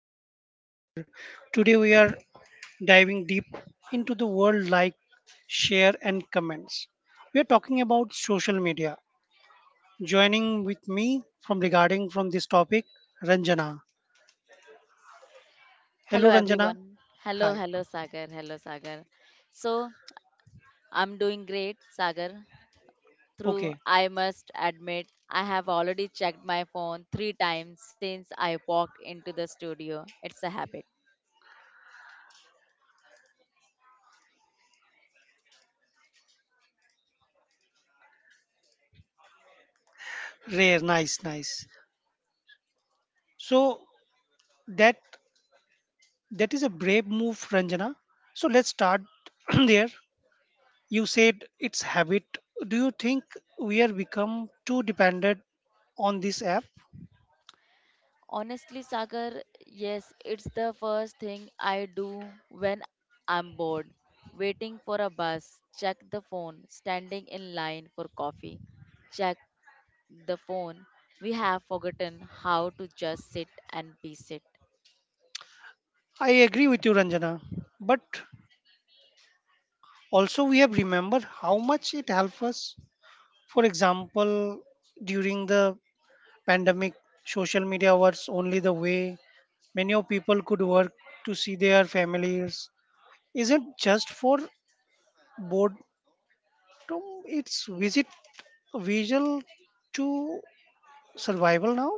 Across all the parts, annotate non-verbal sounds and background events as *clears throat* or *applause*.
I am your host Sagar. Today we are diving deep into the world like share and comments. We are talking about social media. Joining with me from regarding from this topic, Ranjana. Hello, Hello Ranjana. everyone. Hello, Hi. hello, Sagar. Hello, Sagar. So, I'm doing great, Sagar. Through, Okay. I must admit, I have already checked my phone three times since I walked into the studio. It's a habit. Rare. Nice, nice. So that that is a brave move, Ranjana. So let's start *clears throat* there. You said it's habit. Do you think we are become too dependent on this app? Honestly, Sagar, yes, it's the first thing I do when I'm bored. Waiting for a bus, check the phone. Standing in line for coffee, check the phone. We have forgotten how to just sit and be sit. I agree with you, Ranjana. But also we have remembered how much it helps us. For example, during the pandemic, social media was only the way many of people could work to see their families. Isn't just for boredom, it's visit visual to survival now.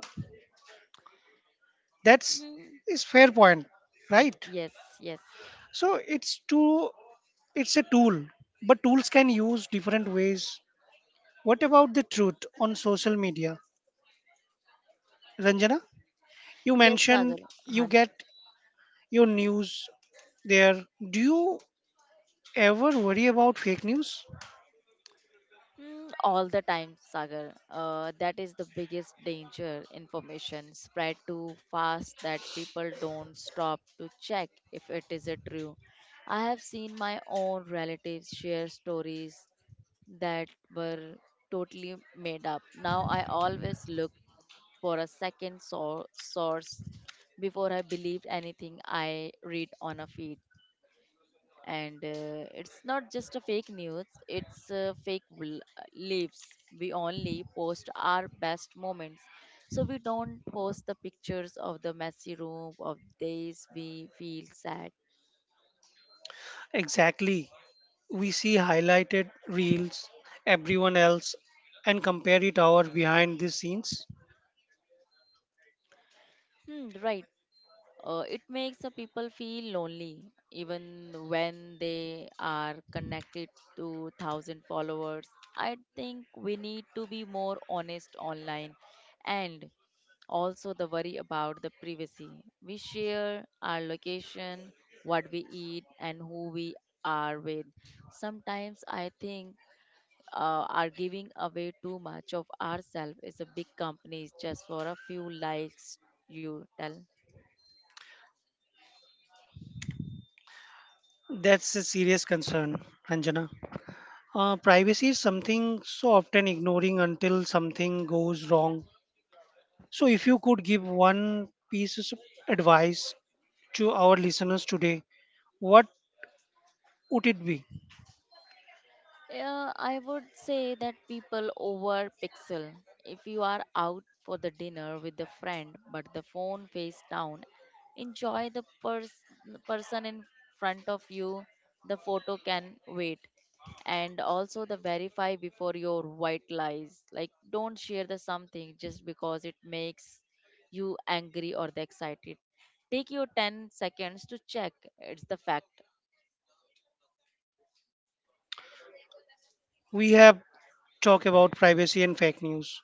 That's Mm, is fair point, right? yes, yes, So it's a tool, but tools can use different ways. What about the truth on social media, Ranjana? You yes, mentioned Sagar. you Han- get your news there. Do you ever worry about fake news? All the time, Sagar. That is the biggest danger. Information spread too fast that people don't stop to check if it is a true. I have seen my own relatives share stories that were totally made up. Now I always look for a second source before I believe anything I read on a feed. And it's not just a fake news, it's fake lives. We only post our best moments, so we don't post the pictures of the messy room of days we feel sad. Exactly. We see highlighted reels, everyone else, and compare it our behind the scenes. Hmm, right. It makes the people feel lonely even when they are connected to thousand followers. I think we need to be more honest online, and also the worry about the privacy. We share our location, what we eat, and who we are with. Sometimes I think are giving away too much of ourselves is a big company just for a few likes. You tell. That's a serious concern, Ranjana. Privacy is something so often ignoring until something goes wrong. So, if you could give one piece of advice to our listeners today, what would it be? I would say that people over pixel. If you are out for the dinner with a friend, but the phone face down, enjoy the person in front of you. The photo can wait. And also the verify before your white lies. Like don't share the something just because it makes you angry or the excited. Take your 10 seconds to check. It's the fact. We have talked about privacy and fake news,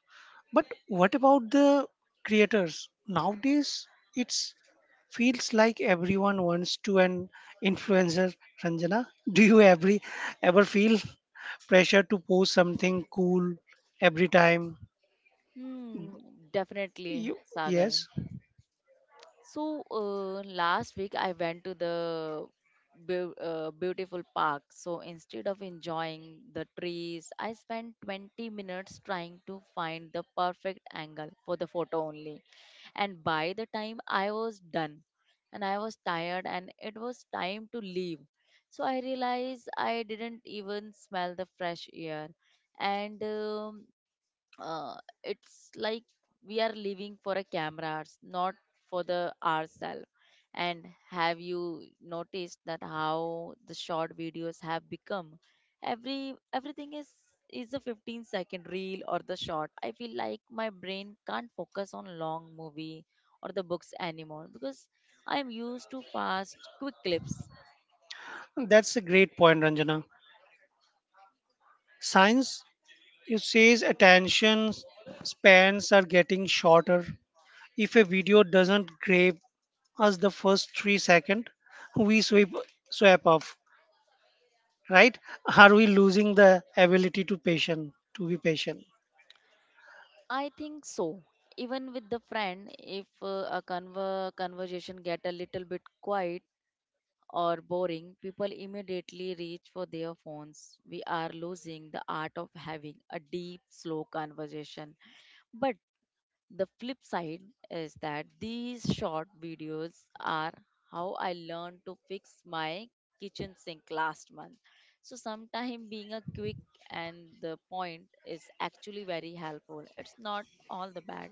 but what about the creators? Nowadays, it's feels like everyone wants to an influencer. Ranjana, do you ever feel pressure to post something cool every time Hmm, definitely, You, Sagar. yes, So last week I went to the beautiful park. So instead of enjoying the trees, I spent 20 minutes trying to find the perfect angle for the photo only. And by the time I was done, and I was tired, and it was time to leave. So I realized I didn't even smell the fresh air. And uh, it's like we are living for a cameras, not for the ourselves. And have you noticed that how the short videos have become? Everything is a 15-second reel or the short. I feel like my brain can't focus on long movie or the books anymore because I'm used to fast quick clips. that's a great point, Ranjana. Science, you says attention spans are getting shorter. If a video doesn't grab us the first 3 seconds, we swipe off. Right? Are we losing the ability to patient to be patient? I think so. Even with the friend, if a conversation get a little bit quiet, or boring, people immediately reach for their phones. We are losing the art of having a deep, slow conversation. But the flip side is that these short videos are how I learned to fix my kitchen sink last month. So sometimes being a quick and the point is actually very helpful. It's not all the bad.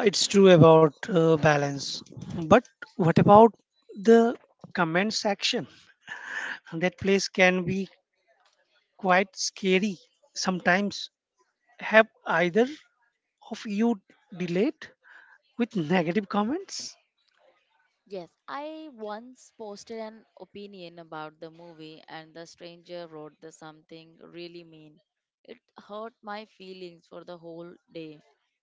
It's true about balance, but what about the comment section? That place can be quite scary sometimes. Have either of you delayed with negative comments. Yes, I once posted an opinion about the movie, and the stranger wrote the something really mean. It hurt my feelings for the whole day.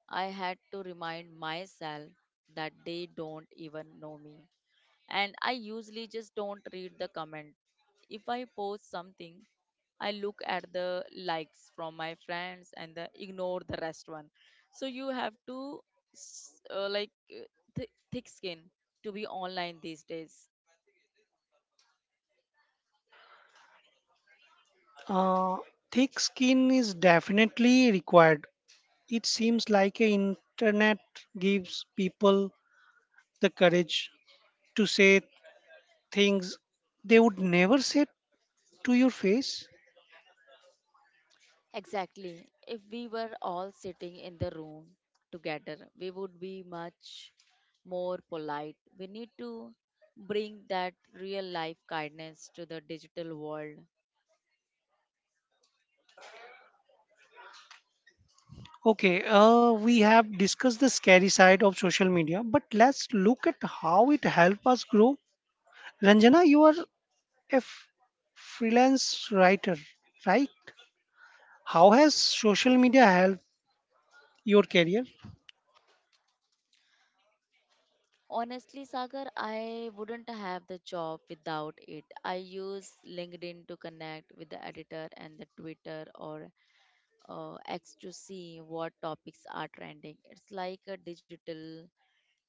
I had to remind myself that they don't even know me, and I usually just don't read the comment. If I post something, I look at the likes from my friends and the, ignore the rest one. So you have to like thick skin to be online these days. Uh, thick skin is definitely required. It seems like a internet gives people the courage to say things they would never say to your face. Exactly. If we were all sitting in the room together, we would be much more polite. We need to bring that real life kindness to the digital world. Okay, we have discussed the scary side of social media, but let's look at how it helps us grow. Ranjana, you are a f- freelance writer, right? How has social media helped your career? Honestly, Sagar, I wouldn't have the job without it. I use LinkedIn to connect with the editor, and the Twitter or X to see what topics are trending. It's like a digital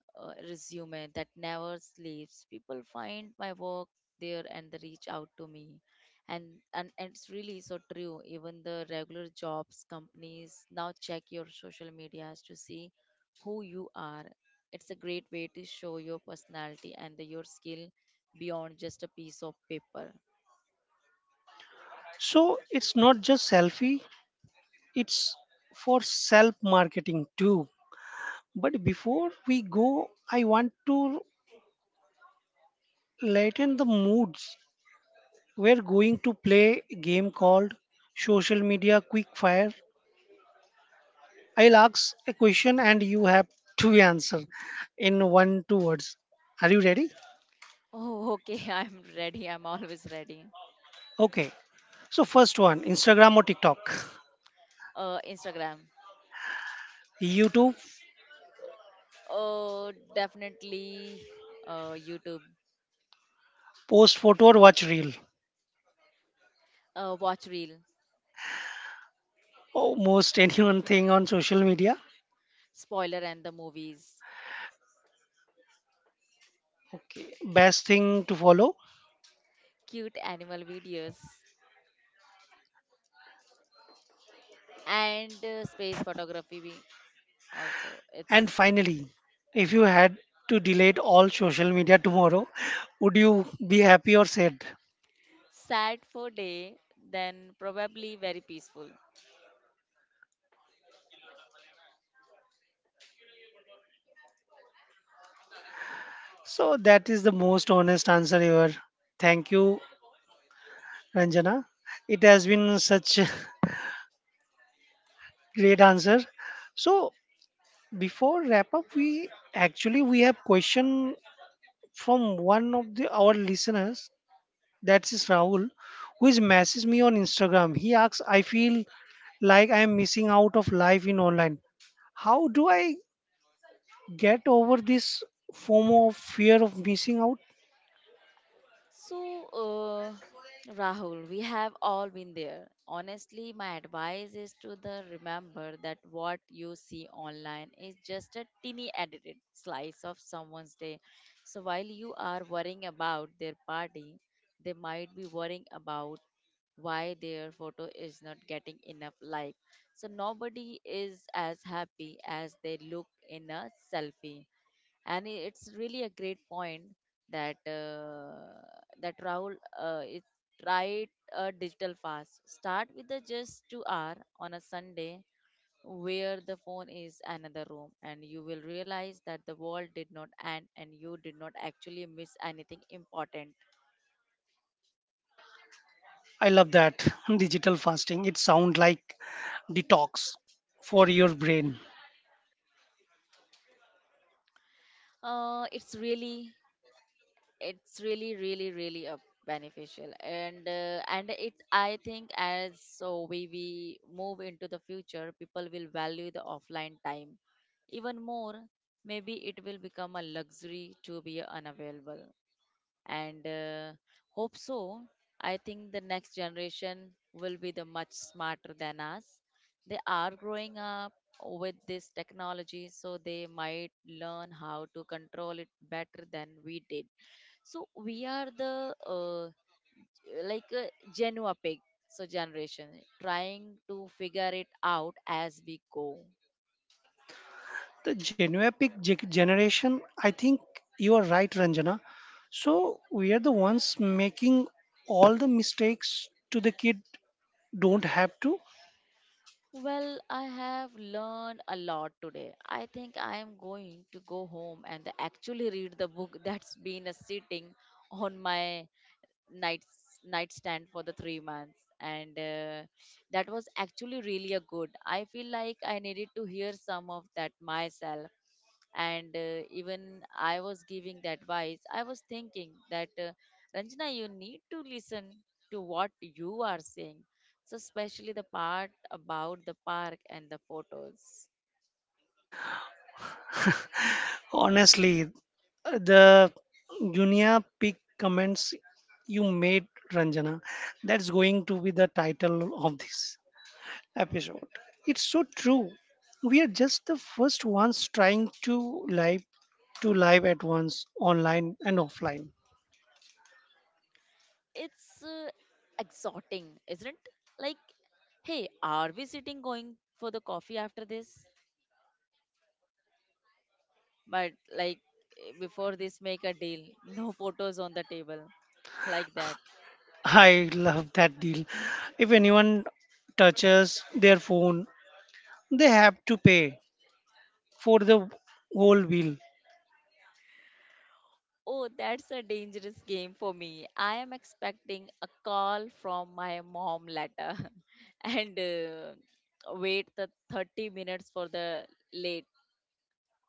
resume that never sleeps. People find my work there and they reach out to me. And, and it's really so true. Even the regular jobs companies now check your social medias to see who you are. It's a great way to show your personality and the, your skill beyond just a piece of paper. So it's not just selfie, it's for self marketing too. But before we go, I want to lighten the moods. We're going to play a game called Social Media Quick Fire. I'll ask a question and you have to answer in one, two words. Are you ready? Oh, okay. *laughs* I'm ready. I'm always ready. Okay. So, first one Instagram or TikTok? Instagram. YouTube, Oh, definitely. YouTube. post photo or watch reel? Watch reel. Almost anyone thing on social media. Spoiler and the movies, Okay, best thing to follow. cute animal videos, and space photography also. And It's finally, if you had to delete all social media tomorrow, *laughs* would you be happy or sad? sad for day, then probably very peaceful. So that is the most honest answer ever. Thank you, Ranjana. It has been such a *laughs* great answer. So before wrap up, we actually we have question from one of the our listeners. That's is Rahul, who is messaged me on Instagram. He asks, I feel like I am missing out of life in online. How do I get over this FOMO of fear of missing out? So, Rahul, we have all been there. Honestly, my advice is to the remember that what you see online is just a teeny edited slice of someone's day. So while you are worrying about their party, they might be worrying about why their photo is not getting enough like. So nobody is as happy as they look in a selfie, and it's really a great point that uh, that Rahul is tried a digital fast. Start with the just 2 hour on a Sunday, where the phone is another room, and you will realize that the world did not end and you did not actually miss anything important. I love that. *laughs* Digital fasting. It sounds like detox for your brain. It's really it's really really really beneficial. And it, I think as so we move into the future, people will value the offline time even more. Maybe it will become a luxury to be unavailable, and hope so. I think the next generation will be the much smarter than us. They are growing up with this technology, so they might learn how to control it better than we did. So we are the like a Genoa pig, so generation trying to figure it out as we go. The generation, I think you are right, Ranjana. So we are the ones making all the mistakes to the kid don't have to. Well, I have learned a lot today. I think I am going to go home and actually read the book *laughs* that's been sitting on my night nightstand for the 3 months, and that was actually really a good. I feel like I needed to hear some of that myself, and even I was giving the advice. I was thinking that Ranjana, you need to listen to what you are saying, so especially the part about the park and the photos. Honestly, the Junia Peak comments you made, Ranjana. That's going to be the title of this episode. It's so true. We are just the first ones trying to live at once, online and offline. It's uh, exhorting, isn't it? Like, hey, are we sitting going for the coffee after this? But like before this, make a deal. *laughs* No photos on the table. Like that. I love that deal. If anyone touches their phone, they have to pay for the whole bill. Oh, that's a dangerous game for me. I am expecting a call from my mom later *laughs* and wait the 30 minutes for the late.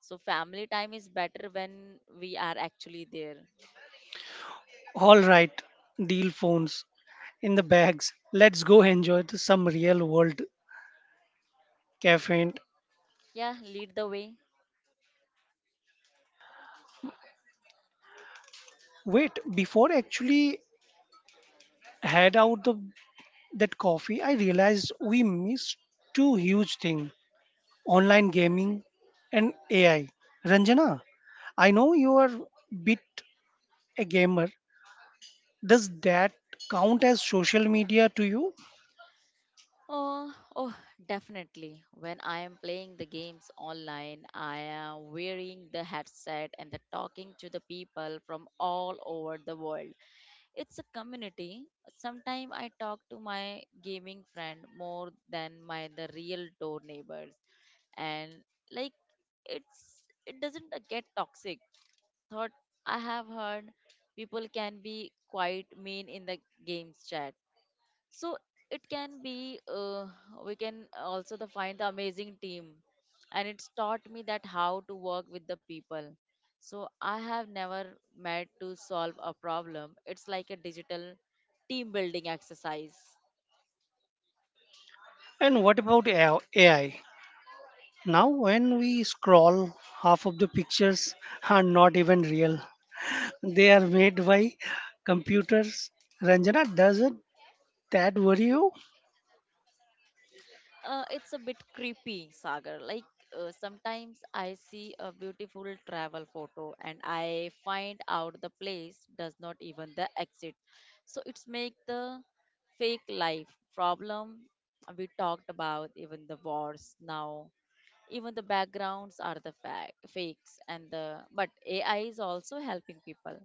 So family time is better when we are actually there. All right, deal phones in the bags. Let's go enjoy the, some real world caffeine. Yeah, lead the way. Wait, before I actually had out that coffee, I realized we missed two huge things, online gaming and AI. Ranjana, I know you are bit a gamer. Does that count as social media to you? Oh, oh, definitely. When I am playing the games online, I am wearing the headset and the talking to the people from all over the world. It's a community. Sometimes I talk to my gaming friend more than my the real door neighbors, and like it doesn't get toxic. Thought I have heard people can be quite mean in the games chat, so it can be we can also the find the amazing team, and it's taught me that how to work with the people. So I have never met to solve a problem. It's like a digital team building exercise. And what about AI? Now, when we scroll, half of the pictures are not even real. *laughs* They are made by computers. Ranjana, does it that worry you? It's a bit creepy, Sagar. Like sometimes I see a beautiful travel photo and I find out the place does not even the exit. So it's make the fake life problem we talked about. Even the wars now, even the backgrounds are the fakes and the, but AI is also helping people.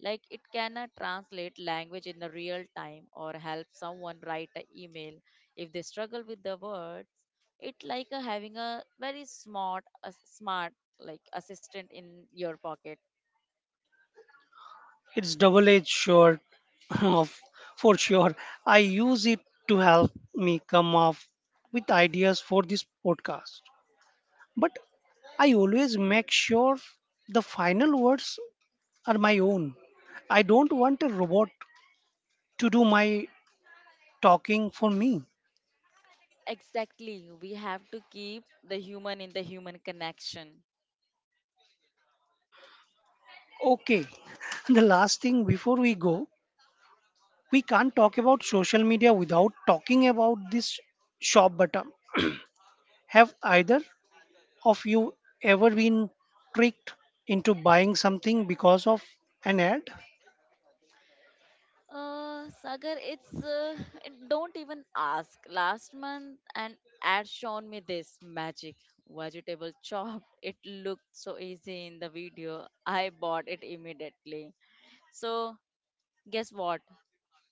Like, it can translate language in the real time, or help someone write an email if they struggle with the words. It like having a very smart like assistant in your pocket. It's double edged sword, *laughs* of for sure. I use it to help me come up with ideas for this podcast. But I always make sure the final words are my own. I don't want a robot to do my talking for me. Exactly, we have to keep the human in the human connection. Okay, *laughs* the last thing before we go, we can't talk about social media without talking about this shop button. Have either of you ever been tricked into buying something because of an ad? Sagar, it's and don't even ask. Last month, an ad shown me this magic vegetable *laughs* chopped. It looked so easy in the video. I bought it immediately. So, guess what?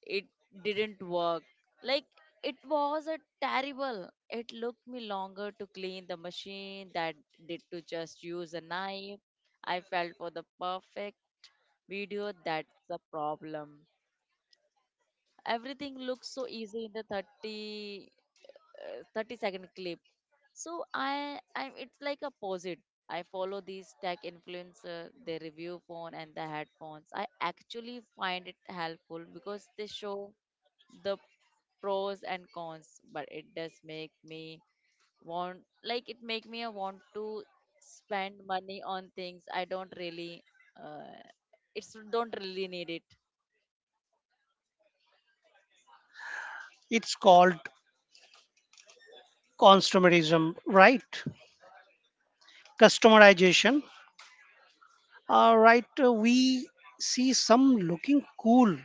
It didn't work. Like, it was a terrible. It looked me longer to clean the machine that did to just use a knife. I felt for the perfect video. That's the problem, everything looks so easy in the 30-second clip. So I it's like a opposite. I follow these tech influencer, they review phone and the headphones. I actually find it helpful because they show the pros and cons, but it does make me want, like it make me want to spend money on things I don't really uh, it's don't really need it. It's called consumerism, right? Customization. All right, we see some looking cool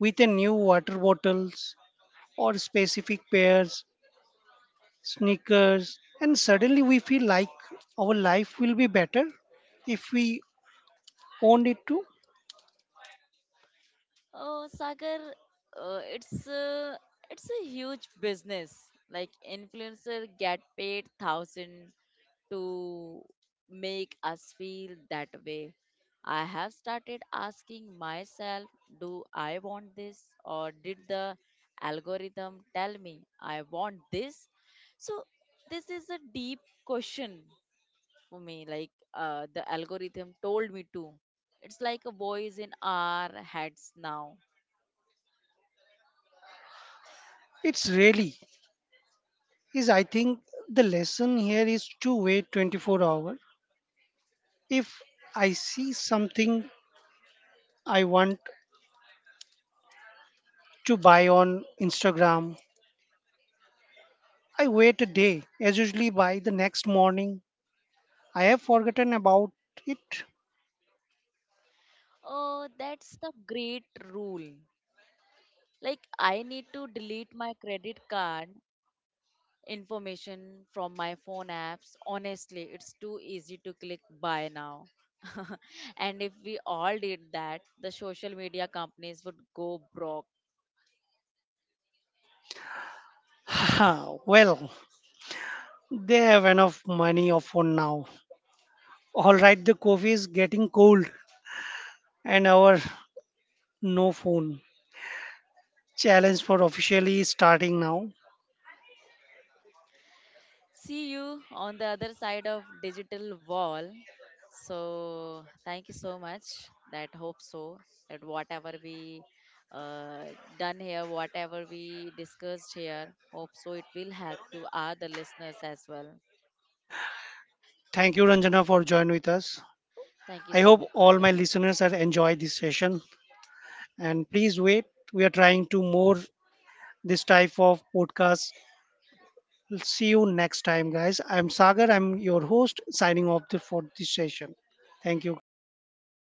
with a new water bottles or specific pairs sneakers, and suddenly we feel like our life will be better if we owned it too. Oh, Sagar, uh, it's a, it's a huge business. Like influencer get paid thousand to make us feel that way. I have started asking myself, do I want this or did the algorithm tell me I want this? So this is a deep question for me. Like the algorithm told me to. It's like a voice in our heads now. It's really is I think the lesson here is to wait 24 hours. If I see something I want to buy on Instagram, I wait a day, as usually by the next morning. I have forgotten about it. Oh, that's the great rule. Like, I need to delete my credit card information from my phone apps. Honestly, it's too easy to click buy now. *laughs* And if we all did that, the social media companies would go broke. Haha, well, they have enough money of for now. All right, the coffee is getting cold and our No phone challenge for officially starting now. See you on the other side of digital wall. So thank you so much. That hope so that whatever we done here, whatever we discussed here, hope so it will help to other listeners as well. Thank you, Ranjana, for joining with us. Thank you I so hope much, all Sagar. my listeners have enjoyed this session. And please wait, we are trying to more this type of podcast. See you next time, guys. I'm Sagar. I'm your host. Signing for this session. Thank you.